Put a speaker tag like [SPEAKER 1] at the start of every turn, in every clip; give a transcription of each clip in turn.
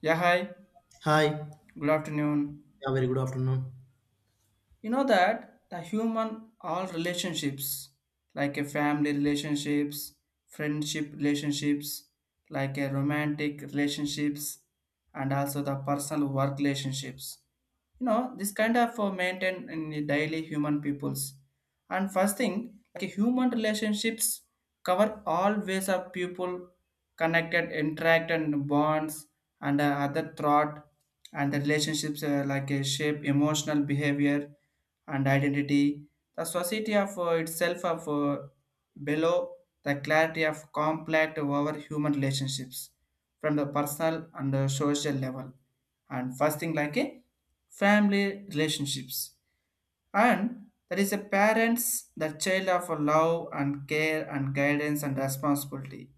[SPEAKER 1] Yeah, hi.
[SPEAKER 2] Hi, yeah,
[SPEAKER 1] Good afternoon.
[SPEAKER 2] very good afternoon.
[SPEAKER 1] You know that the human all relationships, like a family relationships, friendship relationships, like a romantic relationships, and also the personal work relationships. You know, this kind of maintain in the daily human peoples. And first thing, like a human relationships cover all ways of people connected, interact and bonds and other thought, and the relationships like a shape emotional behavior and identity, the society of itself of below the clarity of complex over human relationships from the personal and social level. And first thing like a family relationships, and there is a parents, the child of love and care and guidance and responsibility.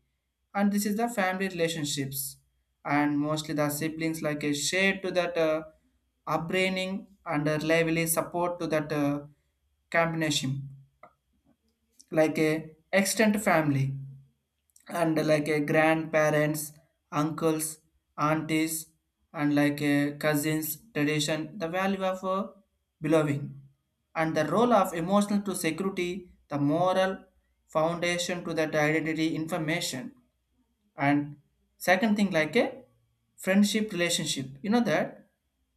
[SPEAKER 1] And this is the family relationships. And mostly the siblings like a share to that upbringing and a lively support to that combination. Like a extended family and like a grandparents, uncles, aunties, and like a cousins, tradition, the value of belonging, and the role of emotional to security, the moral foundation to that identity information. And second thing like a friendship relationship, you know that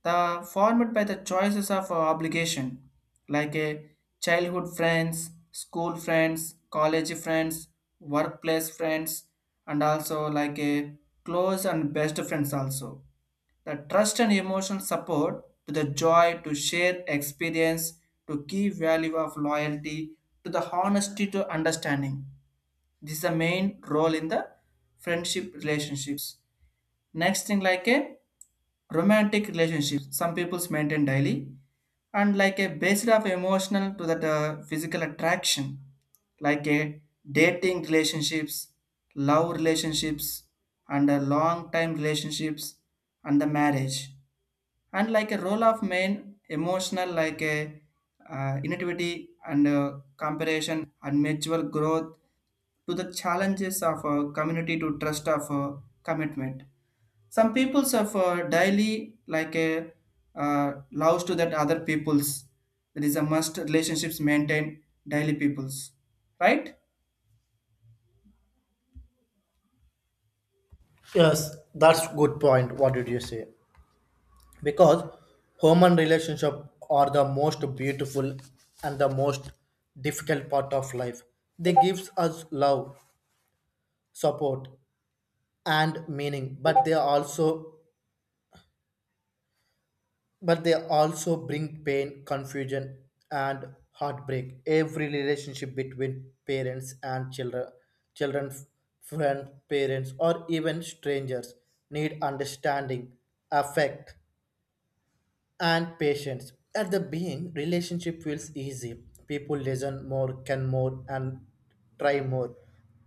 [SPEAKER 1] the formed by the choices of obligation, like a childhood friends, school friends, college friends, workplace friends, and also like a close and best friends also, the trust and emotional support to the joy to share experience, to give value of loyalty to the honesty to understanding. This is the main role in the friendship relationships. Next thing like a romantic relationship, some people's maintain daily, and like a based of emotional to that physical attraction, like a dating relationships, love relationships, and a long time relationships, and the marriage, and like a role of main emotional like a innovativity and comparison and mutual growth to the challenges of a community to trust of a commitment. Some peoples of daily like a loves to that other peoples, that is a must relationships maintain daily peoples, right?
[SPEAKER 2] Yes, that's good point. What did you say? Because human relationship are the most beautiful and the most difficult part of life. They gives us love, support, and meaning, but they also bring pain, confusion, and heartbreak. Every relationship between parents and children, children, friends, parents, or even strangers need understanding, affect, and patience. At the being, relationship feels easy. People listen more, can more, and try more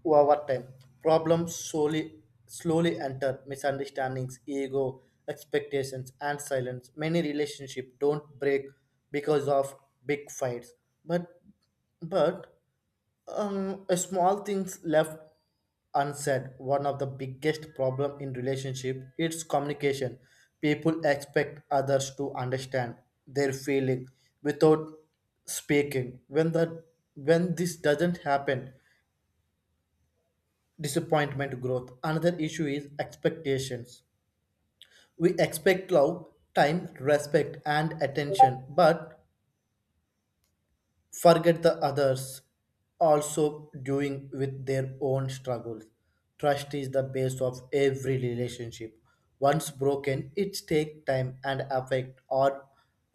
[SPEAKER 2] over time. Problems slowly enter misunderstandings, ego, expectations, and silence. Many relationships don't break because of big fights, but but small things left unsaid. One of the biggest problem in relationship is communication. People expect others to understand their feeling without speaking. When this doesn't happen, disappointment growth. Another issue is expectations. We expect love, time, respect, and attention, but forget the others also doing with their own struggles. Trust is the base of every relationship. Once broken, it takes time and affect or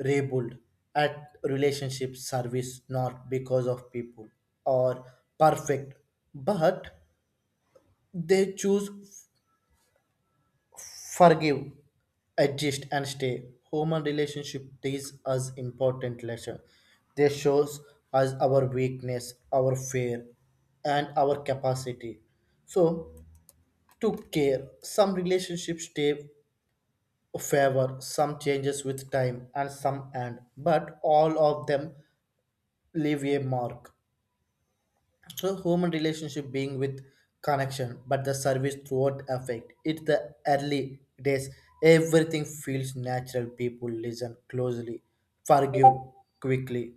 [SPEAKER 2] rebuild. At relationship service, not because of people or perfect, but they choose forgive, adjust, and stay. Human relationship teach us important lesson. They shows us our weakness, our fear, and our capacity. So to care, some relationships stay favor, some changes with time, and some end. But all of them leave a mark. So human relationship being with connection, but the service throughout affect. It's the early days. Everything feels natural. People listen closely, forgive quickly,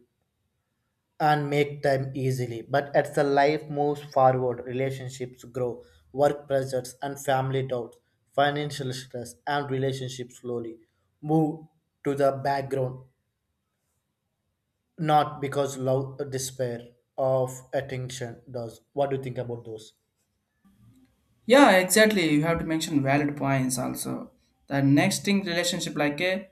[SPEAKER 2] and make time easily. But as the life moves forward, relationships grow, work pressures and family doubts, financial stress and relationships slowly move to the background. Not because love despair of attention does. What do you think about those?
[SPEAKER 1] Yeah, exactly. You have to mention valid points also. The next thing, relationship like a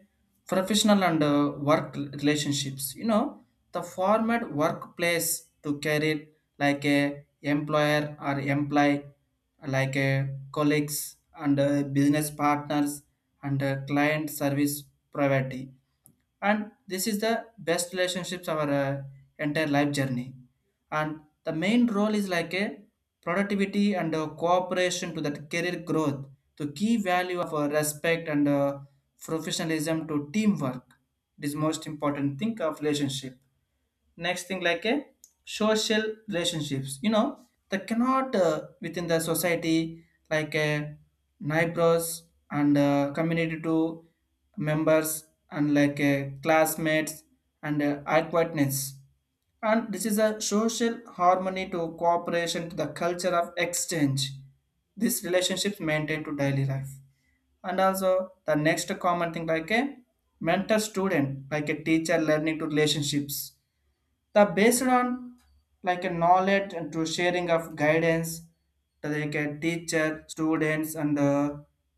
[SPEAKER 1] professional and work relationships. You know, the format workplace to carry like a employer or employee, like a colleagues and business partners and client service provider. And this is the best relationships our entire life journey, and the main role is like a productivity and cooperation to that career growth. To key value of respect and professionalism to teamwork, it is most important thing of relationship. Next thing like a social relationships, you know that cannot within the society, like a neighbors and community to members and like a classmates and acquaintance. And this is a social harmony to cooperation to the culture of exchange, this relationships maintained to daily life. And also the next common thing like a mentor student, like a teacher learning to relationships, the based on like a knowledge and to sharing of guidance, to like a teacher students and uh,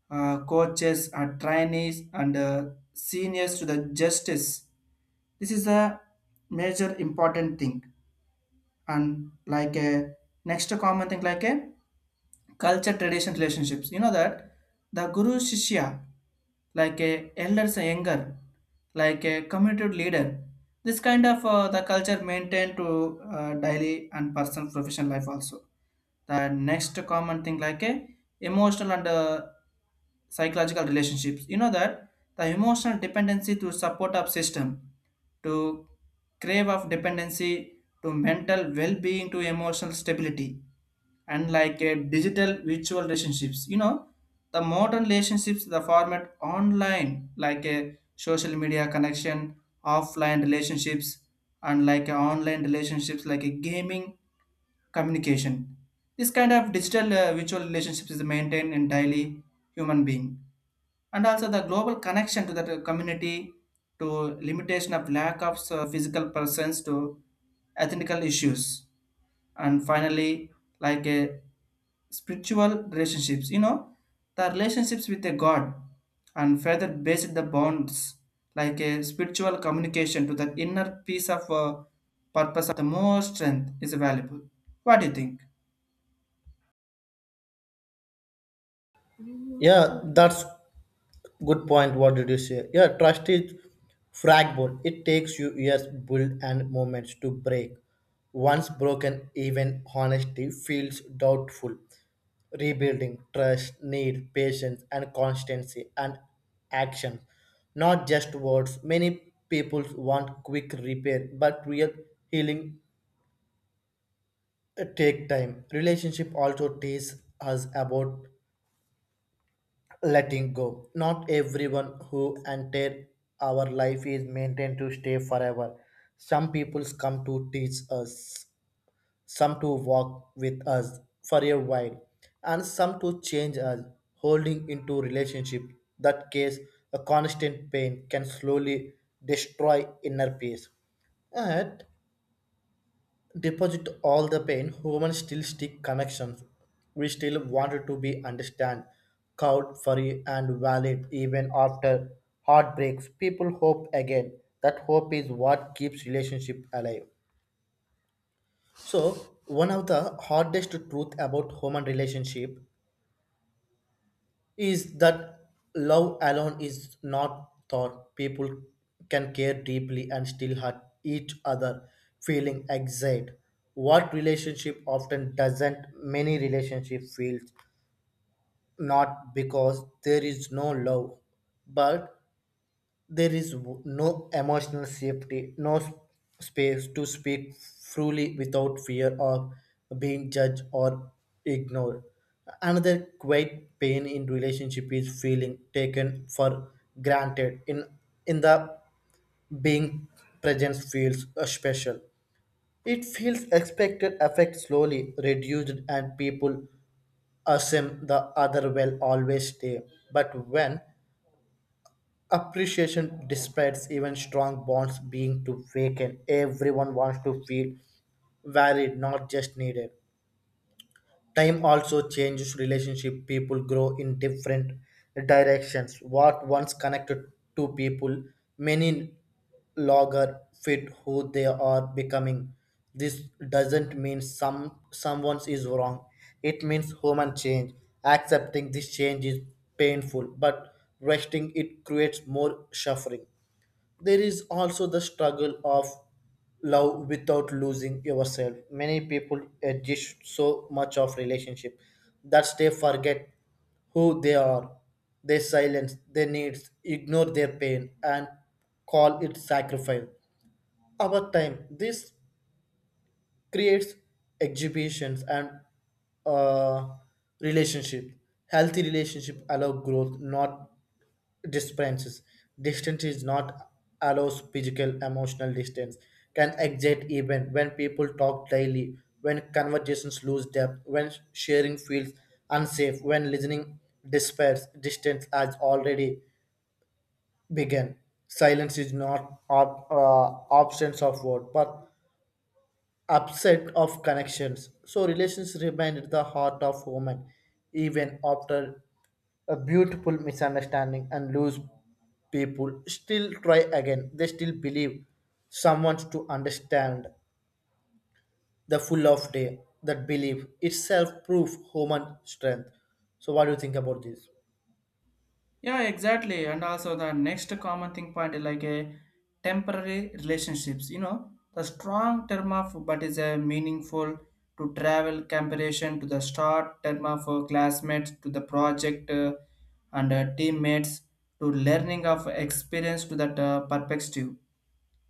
[SPEAKER 1] uh, coaches or trainees and seniors to the justice. This is a major important thing. And like a next common thing like a culture tradition relationships, you know that the guru shishya, like a elders a younger, like a committed leader, this kind of the culture maintained to daily and personal professional life also. The next common thing like a emotional and psychological relationships, you know that the emotional dependency to support of system, to crave of dependency, to mental well-being to emotional stability. And like a digital virtual relationships, you know the modern relationships, the format online like a social media connection, offline relationships, and like a online relationships like a gaming communication. This kind of digital virtual relationships is maintained in daily human being. And also the global connection to that community, to limitation of lack of physical presence to ethical issues. And finally, like a spiritual relationships, you know the relationships with a god and further based the bonds, like a spiritual communication to the inner peace of purpose of the more strength is valuable. What do you think?
[SPEAKER 2] Yeah, that's good point. What did you say? Yeah, trust is fragile. It takes you years build and moments to break. Once broken, even honesty feels doubtful. Rebuilding trust need patience and constancy and action, not just words. Many people want quick repair, but real healing take time. Relationship also teaches us about letting go. Not everyone who enter our life is maintained to stay forever. Some people come to teach us, some to walk with us for a while, and some to change us, holding into relationship. That case, a constant pain can slowly destroy inner peace. Yet, deposit all the pain, humans still stick connections. We still wanted to be understand, cowed, furry, and valid even after heartbreaks. People hope again. That hope is what keeps relationship alive. So one of the hardest truth about human relationship is that love alone is not thought. People can care deeply and still hurt each other feeling excited. What relationship often doesn't, many relationship feels not because there is no love, but there is no emotional safety, no space to speak freely without fear of being judged or ignored. Another great pain in relationship is feeling taken for granted. In the being, presence feels special. It feels expected, effect slowly reduced, and people assume the other will always stay. But when appreciation despite, even strong bonds being too vacant. Everyone wants to feel valid, not just needed. Time also changes relationship. People grow in different directions. What once connected two people, many longer fit who they are becoming. This doesn't mean someone is wrong. It means human change. Accepting this change is painful, but resting it creates more suffering. There is also the struggle of love without losing yourself. Many people adjust so much of relationship that they forget who they are. They silence their needs, ignore their pain, and call it sacrifice. Over time this creates exhibitions and uh, relationship. Healthy relationship allow growth, not differences. Distance is not allows physical, emotional distance can exist even when people talk daily, when conversations lose depth, when sharing feels unsafe, when listening despairs. Distance has already begun. Silence is not absence of word, but upset of connections. So relations remained the heart of women even after a beautiful misunderstanding and lose, people still try again. They still believe someone to understand the full of day. That belief itself proof human strength. So what do you think about this?
[SPEAKER 1] Yeah, exactly. And also the next common thing point is like a temporary relationships. You know, the strong term of but is a meaningful to travel comparison to the start term of classmates to the project and teammates to learning of experience to that perspective.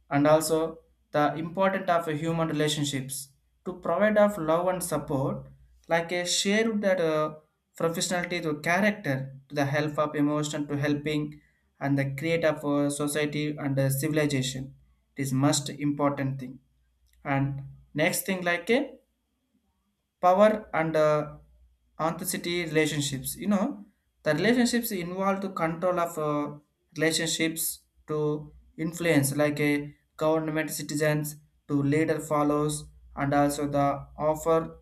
[SPEAKER 1] And also the importance of human relationships to provide of love and support, like a shared that professionality to character to the help of emotion to helping, and the create of society and civilization, it is most important thing. And next thing like a power and authenticity relationships, you know the relationships involved to control of relationships to influence, like a government citizens, to leader follows, and also the offer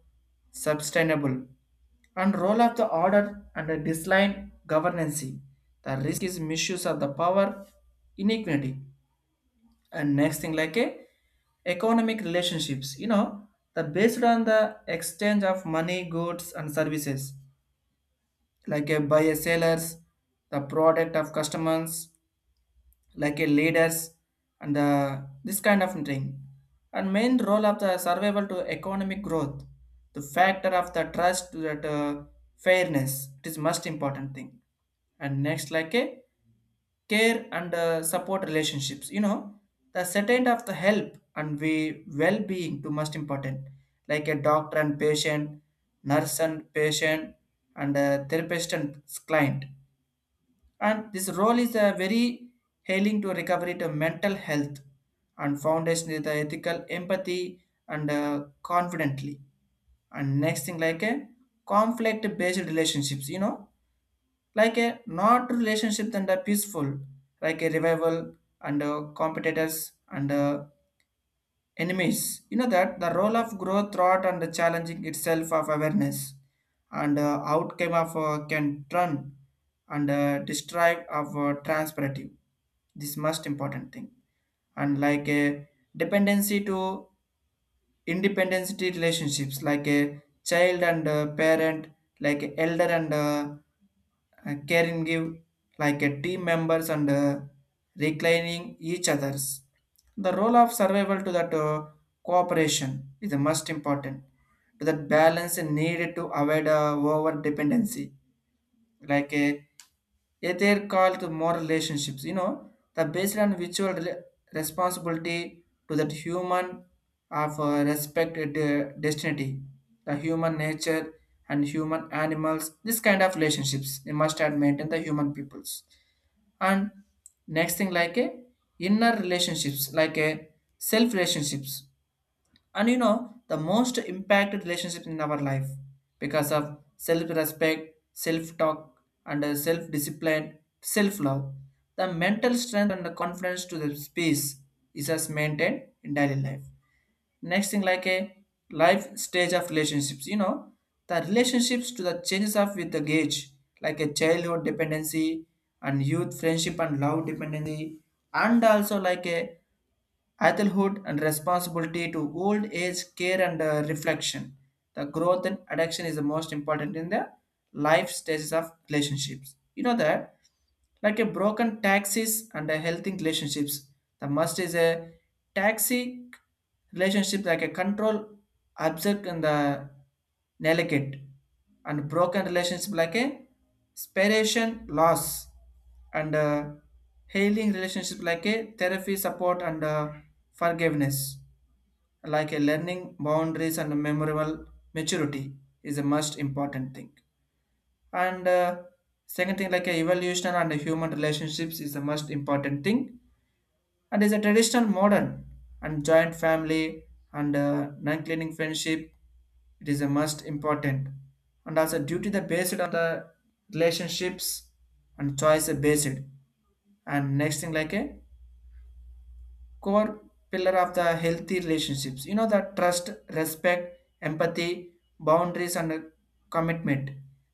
[SPEAKER 1] sustainable, and role of the order and the disline governance, the risk is misuse of the power, inequity. And next thing like a economic relationships, you know the based on the exchange of money, goods and services, like a buyer sellers, the product of customers, like a leaders, and the, this kind of thing. And main role of the survival to economic growth, the factor of the trust to that fairness, it is most important thing. And next like a care and support relationships, you know the certain of the help and we well-being to most important, like a doctor and patient, nurse and patient, and a therapist and client. And this role is a very hailing to recovery to mental health, and foundation is the ethical empathy and confidently. And next thing like a conflict based relationships, you know like a not relationship than the peaceful, like a revival and competitors and enemies. You know that the role of growth thought and the challenging itself of awareness and outcome of can turn and describe of transpirative. This most important thing. And like a dependency to Independency relationships, like a child and a parent, like a elder and a caring give, like a team members and reclining each others, the role of survival to that cooperation is the most important, to that balance needed to avoid over dependency, like a yeah, they're called the moral relationships, you know, the based on mutual responsibility to that human of respect the destiny, the human nature and human animals, this kind of relationships they must have maintained the human peoples. And next thing like a inner relationships, like a self relationships, and you know the most impacted relationship in our life because of self-respect, self-talk and self-discipline, self-love, the mental strength and the confidence to the space is as maintained in daily life. Next thing like a life stage of relationships, you know the relationships to the changes of with the age, like a childhood dependency, and youth friendship and love dependency, and also like a adulthood and responsibility to old age care and reflection, the growth and addiction is the most important in the life stages of relationships, you know that like a broken taxis and a healthy relationships, the must is a taxi relationship like a control obsessed and the delicate, and broken relationship like a spiration loss and healing relationship like a therapy support and forgiveness, like a learning boundaries and memorable maturity is the most important thing. And second thing like a evolution and human relationships is the most important thing. And is a traditional modern and joint family and non-cleaning friendship, it is a must important. And also duty to the based on the relationships and choice based. And next thing like a core pillar of the healthy relationships, you know the trust, respect, empathy, boundaries and commitment,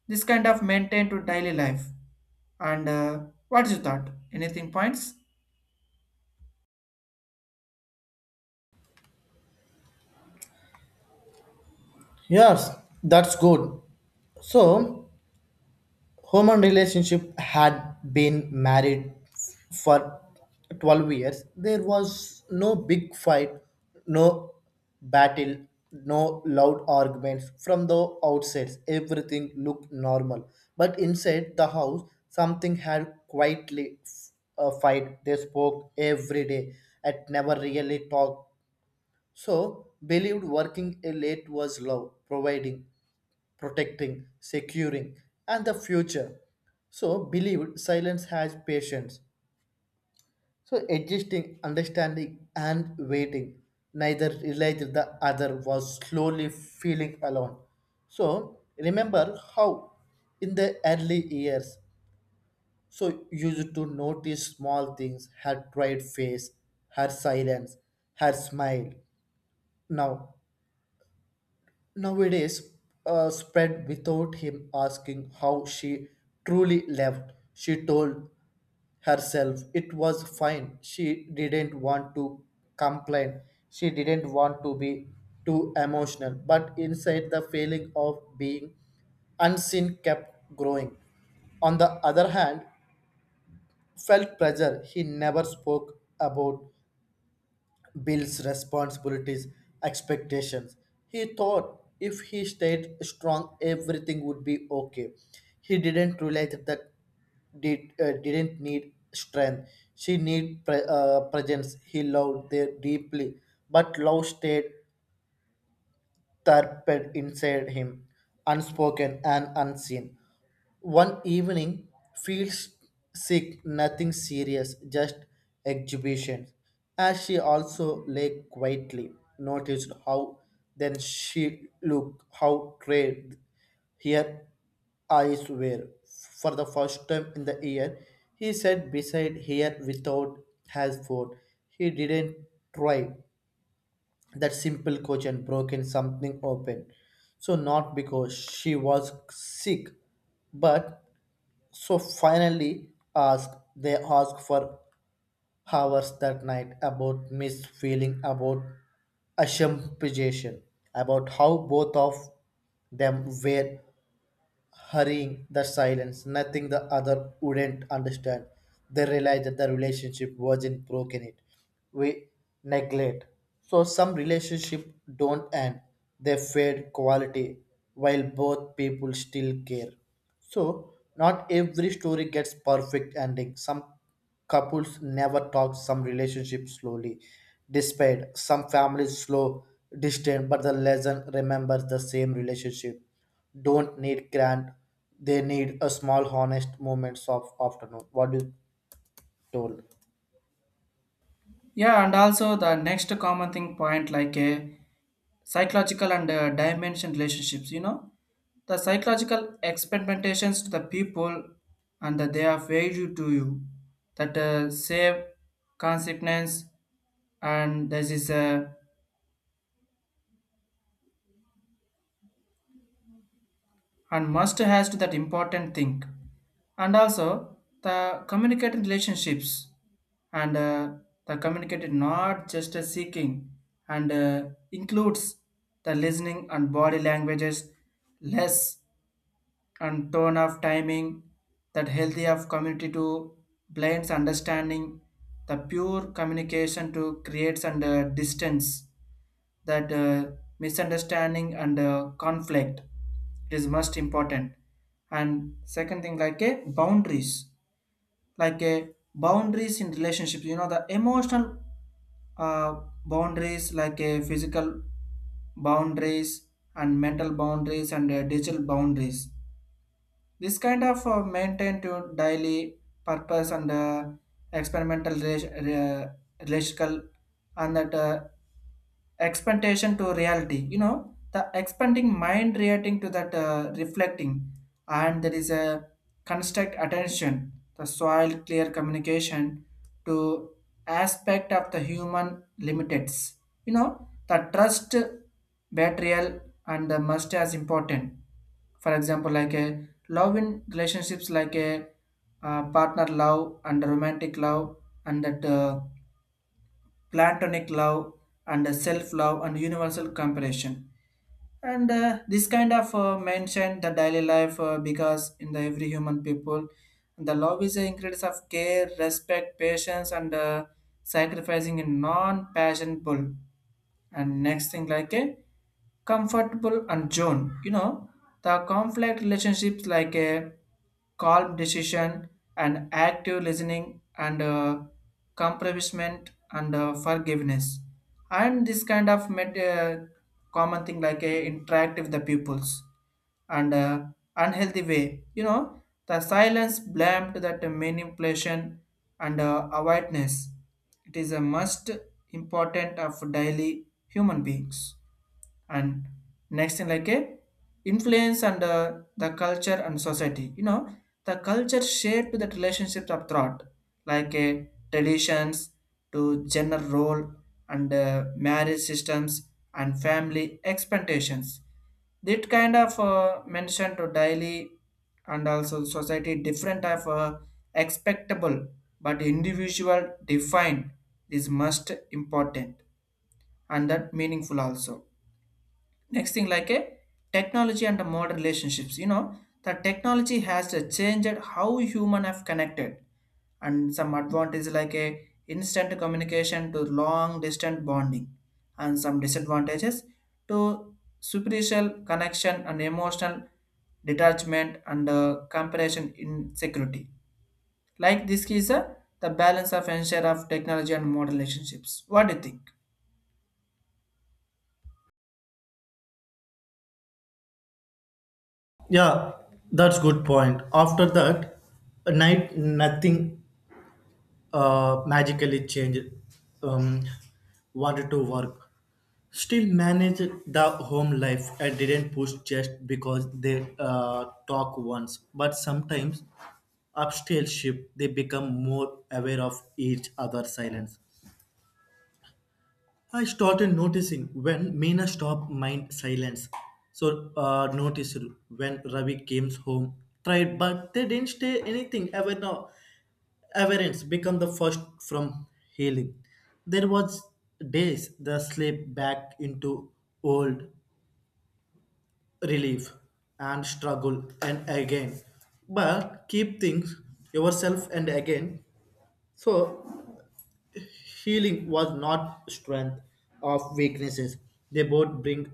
[SPEAKER 1] this kind of maintain to daily life. And what's your thought, anything points?
[SPEAKER 2] Yes, that's good. So human relationship had been married for 12 years. There was no big fight, no battle, no loud arguments. From the outset, everything looked normal. But inside the house, something had quietly a fight. They spoke every day and never really talked. So, believed working late was love, providing, protecting, securing, and the future. So believe silence has patience. So adjusting, understanding, and waiting. Neither realized the other was slowly feeling alone. So remember how in the early years, so used to notice small things, her bright face, her silence, her smile. Now nowadays spread without him asking how she truly left. She told herself it was fine. She didn't want to complain. She didn't want to be too emotional. But inside, the feeling of being unseen kept growing. On the other hand, felt pressure he never spoke about Bill's responsibilities, expectations. He thought if he stayed strong, everything would be okay. He didn't realize that didn't need strength. She need presence. He loved her deeply, but love stayed thirped inside him, unspoken and unseen. One evening, feels sick, nothing serious, just exhibition. As she also lay quietly, noticed how then she looked, how tired her eyes were. For the first time in the year, he sat beside her without his food. He didn't try. That simple question broke in something open. So, not because she was sick, but so finally asked, they asked for hours that night about Miss feeling, about assumption, about how both of them were hurrying, the silence, nothing the other wouldn't understand. They realized that the relationship wasn't broken it. We neglect. So some relationship don't end. They fade quality while both people still care. So not every story gets perfect ending. Some couples never talk, some relationships slowly dissipate, some families slow, distant, but the lesson remembers the same relationship. Don't need grand, they need a small honest moments of afternoon. What you told?
[SPEAKER 1] Yeah, and also the next common thing point like a psychological and dimension relationships, you know, the psychological experimentations to the people and that they are value to you that save consequence, and this is a and must has to that important thing. And also the communicating relationships and the communicating not just a seeking and includes the listening and body languages less and tone of timing, that healthy of community to blends understanding, the pure communication to creates and distance, that misunderstanding and conflict is most important. And second thing like a boundaries, like a boundaries in relationships, you know the emotional uh, boundaries, like a physical boundaries and mental boundaries and digital boundaries, this kind of maintain to daily purpose and experimental relational, and that expectation to reality, you know the expanding mind reacting to that reflecting, and there is a construct attention, the soil clear communication to aspect of the human limiteds, you know the trust, betrayal, and The must as important, for example, like a love in relationships, like a partner love and romantic love, and that platonic love and self-love and universal compassion. And this kind of mentioned the daily life, because in the every human people, the love is the ingredients of care, respect, patience, and sacrificing in non-passion pull. And next thing, like a comfortable and zone, you know, the conflict relationships, like a calm decision and active listening, and compromisement, and forgiveness. And this kind of common thing, like a interact with the pupils, and unhealthy way. You know, the silence blamed that manipulation, and awareness. It is a must important of daily human beings. And next thing, like a influence, and the culture and society, you know, the culture shaped that relationships of thought, like a traditions to gender role, and marriage systems, and family expectations. That kind of mentioned to daily. And also society different of expectable, but individual defined is most important, and that meaningful also. Next thing, like a technology and the modern relationships, you know, the technology has changed how human have connected. And some advantage, like a instant communication to long distance bonding, and some disadvantages to superficial connection and emotional detachment, and comparison insecurity. Like this is the balance of ensure of technology and modern relationships. What do you think?
[SPEAKER 2] Yeah, that's good point. After that, night nothing magically changed, um, wanted to work still manage the home life. I didn't push just because they talk once, but sometimes upstairs ship they become more aware of each other's silence. I started noticing when Meena stopped mind silence. So noticed when Ravi came home, tried, but they didn't say anything. Ever now, averance become the first from healing. There was days the slip back into old relief and struggle and again, but keep things yourself and again. So healing was not strength of weaknesses. They both bring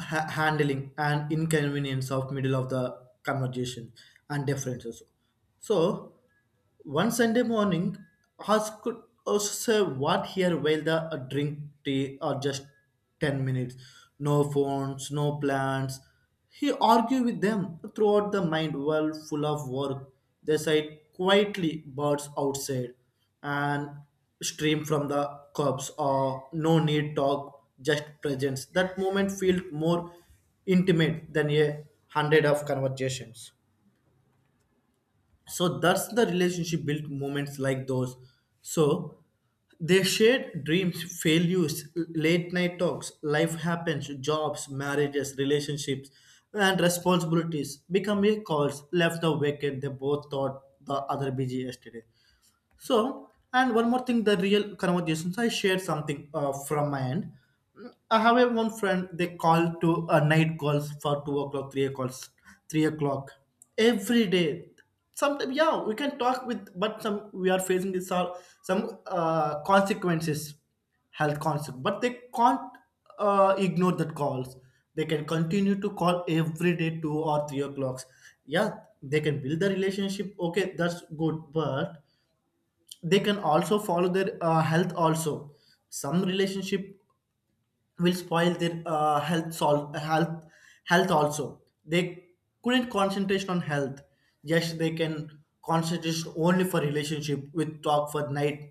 [SPEAKER 2] handling and inconvenience of middle of the conversation and differences. So one Sunday morning, Haas could also serve what here while the drink tea or just 10 minutes. No phones, no plans. He argued with them throughout the mind world full of work. They sighed quietly birds outside and stream from the cups or no need talk, just presence. That moment felt more intimate than a hundred of conversations. So that's the relationship built moments like those. So they shared dreams, failures, late night talks, life happens, jobs, marriages, relationships, and responsibilities become a calls left the vacant. They both thought the other busy yesterday. So, and one more thing, the real conversations, I shared something from my end. Mm, I have a one friend, they call to night calls for 2 o'clock, 3 o'clock, 3 o'clock every day. Sometimes, yeah, we can talk with, but some we are facing this all some consequences, health consequences, but they can't ignore that calls. They can continue to call every day, 2 or 3 o'clocks. Yeah, they can build the relationship. Okay, that's good, but they can also follow their health also. Some relationship will spoil their health health also. They couldn't concentrate on health. Yes, they can concentrate only for relationship with talk for night,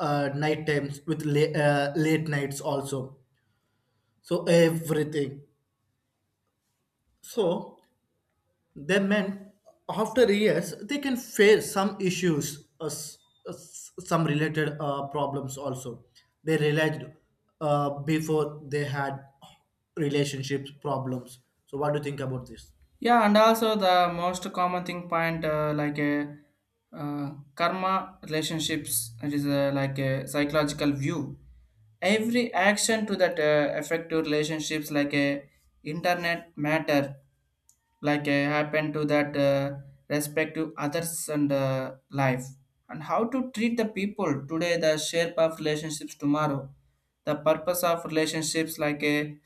[SPEAKER 2] night times with late nights also. So everything. So they meant after years they can face some issues, some related problems also. They realized before they had relationships problems. So, what do you think about this?
[SPEAKER 1] Yeah, and also the most common thing point, like a karma relationships. It is, like a psychological view. Every action to that affect to relationships, like a internet matter, like happen to that respect to others, and life, and how to treat the people today, the shape of relationships tomorrow. The purpose of relationships, like a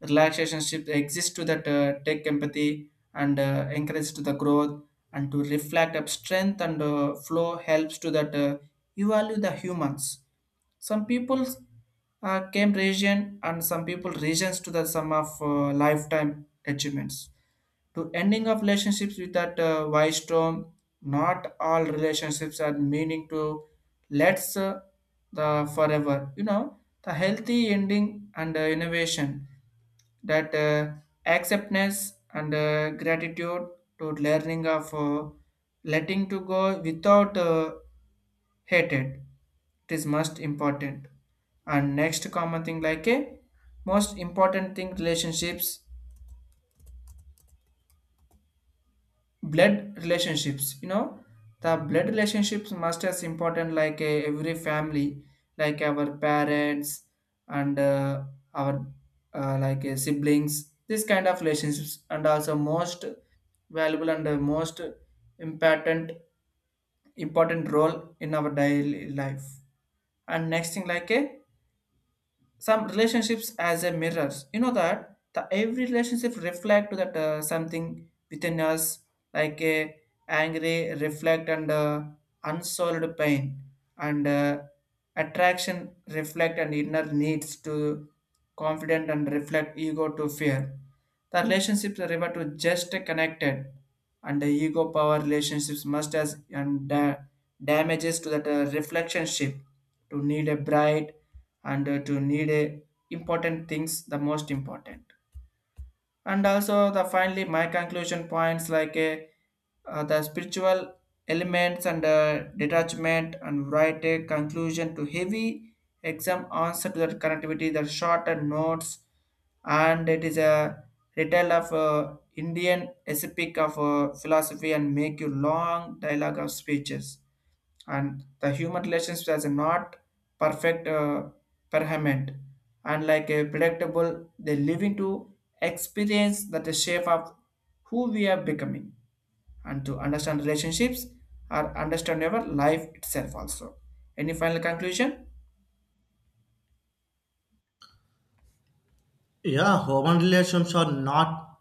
[SPEAKER 1] relaxation shift, exists to that take empathy, and encourage to the growth, and to reflect up strength, and flow helps to that you value the humans. Some people came region, and some people regions to the sum of lifetime achievements to ending of relationships with that wise storm. Not all relationships are meaning to, let's the forever, you know, the healthy ending, and innovation, that acceptance, and gratitude to learning of letting to go without hated. It is most important. And next common thing, like a most important thing relationships, blood relationships, you know, the blood relationships must as important, like every family, like our parents, and our like siblings. This kind of relationships and also most valuable, and most important, important role in our daily life. And next thing, like a some relationships as a mirrors, you know, that the every relationship reflect to that something within us, like a angry reflect, and unsolved pain, and attraction reflect and inner needs to confident, and reflect ego to fear. The relationships are able to just connected, and the ego power relationships must as, and damages to that reflection ship to need a bright, and to need a important things, the most important. And also, the finally my conclusion points, like a the spiritual elements, and detachment, and write a conclusion to heavy exam answer to that connectivity, the shorter notes. And it is a retail of Indian epic of philosophy, and make you long dialogue of speeches. And the human relations is not perfect, permanent, and like a predictable. They live into experience that the shape of who we are becoming, and to understand relationships or understand our life itself also. Any final conclusion?
[SPEAKER 2] Yeah, human relations are not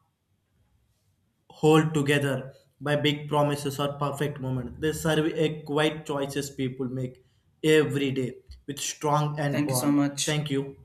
[SPEAKER 2] held together by big promises or perfect moments. They serve a quiet choices people make every day with strong and
[SPEAKER 1] Thank you so
[SPEAKER 2] bond.
[SPEAKER 1] much.
[SPEAKER 2] Thank you.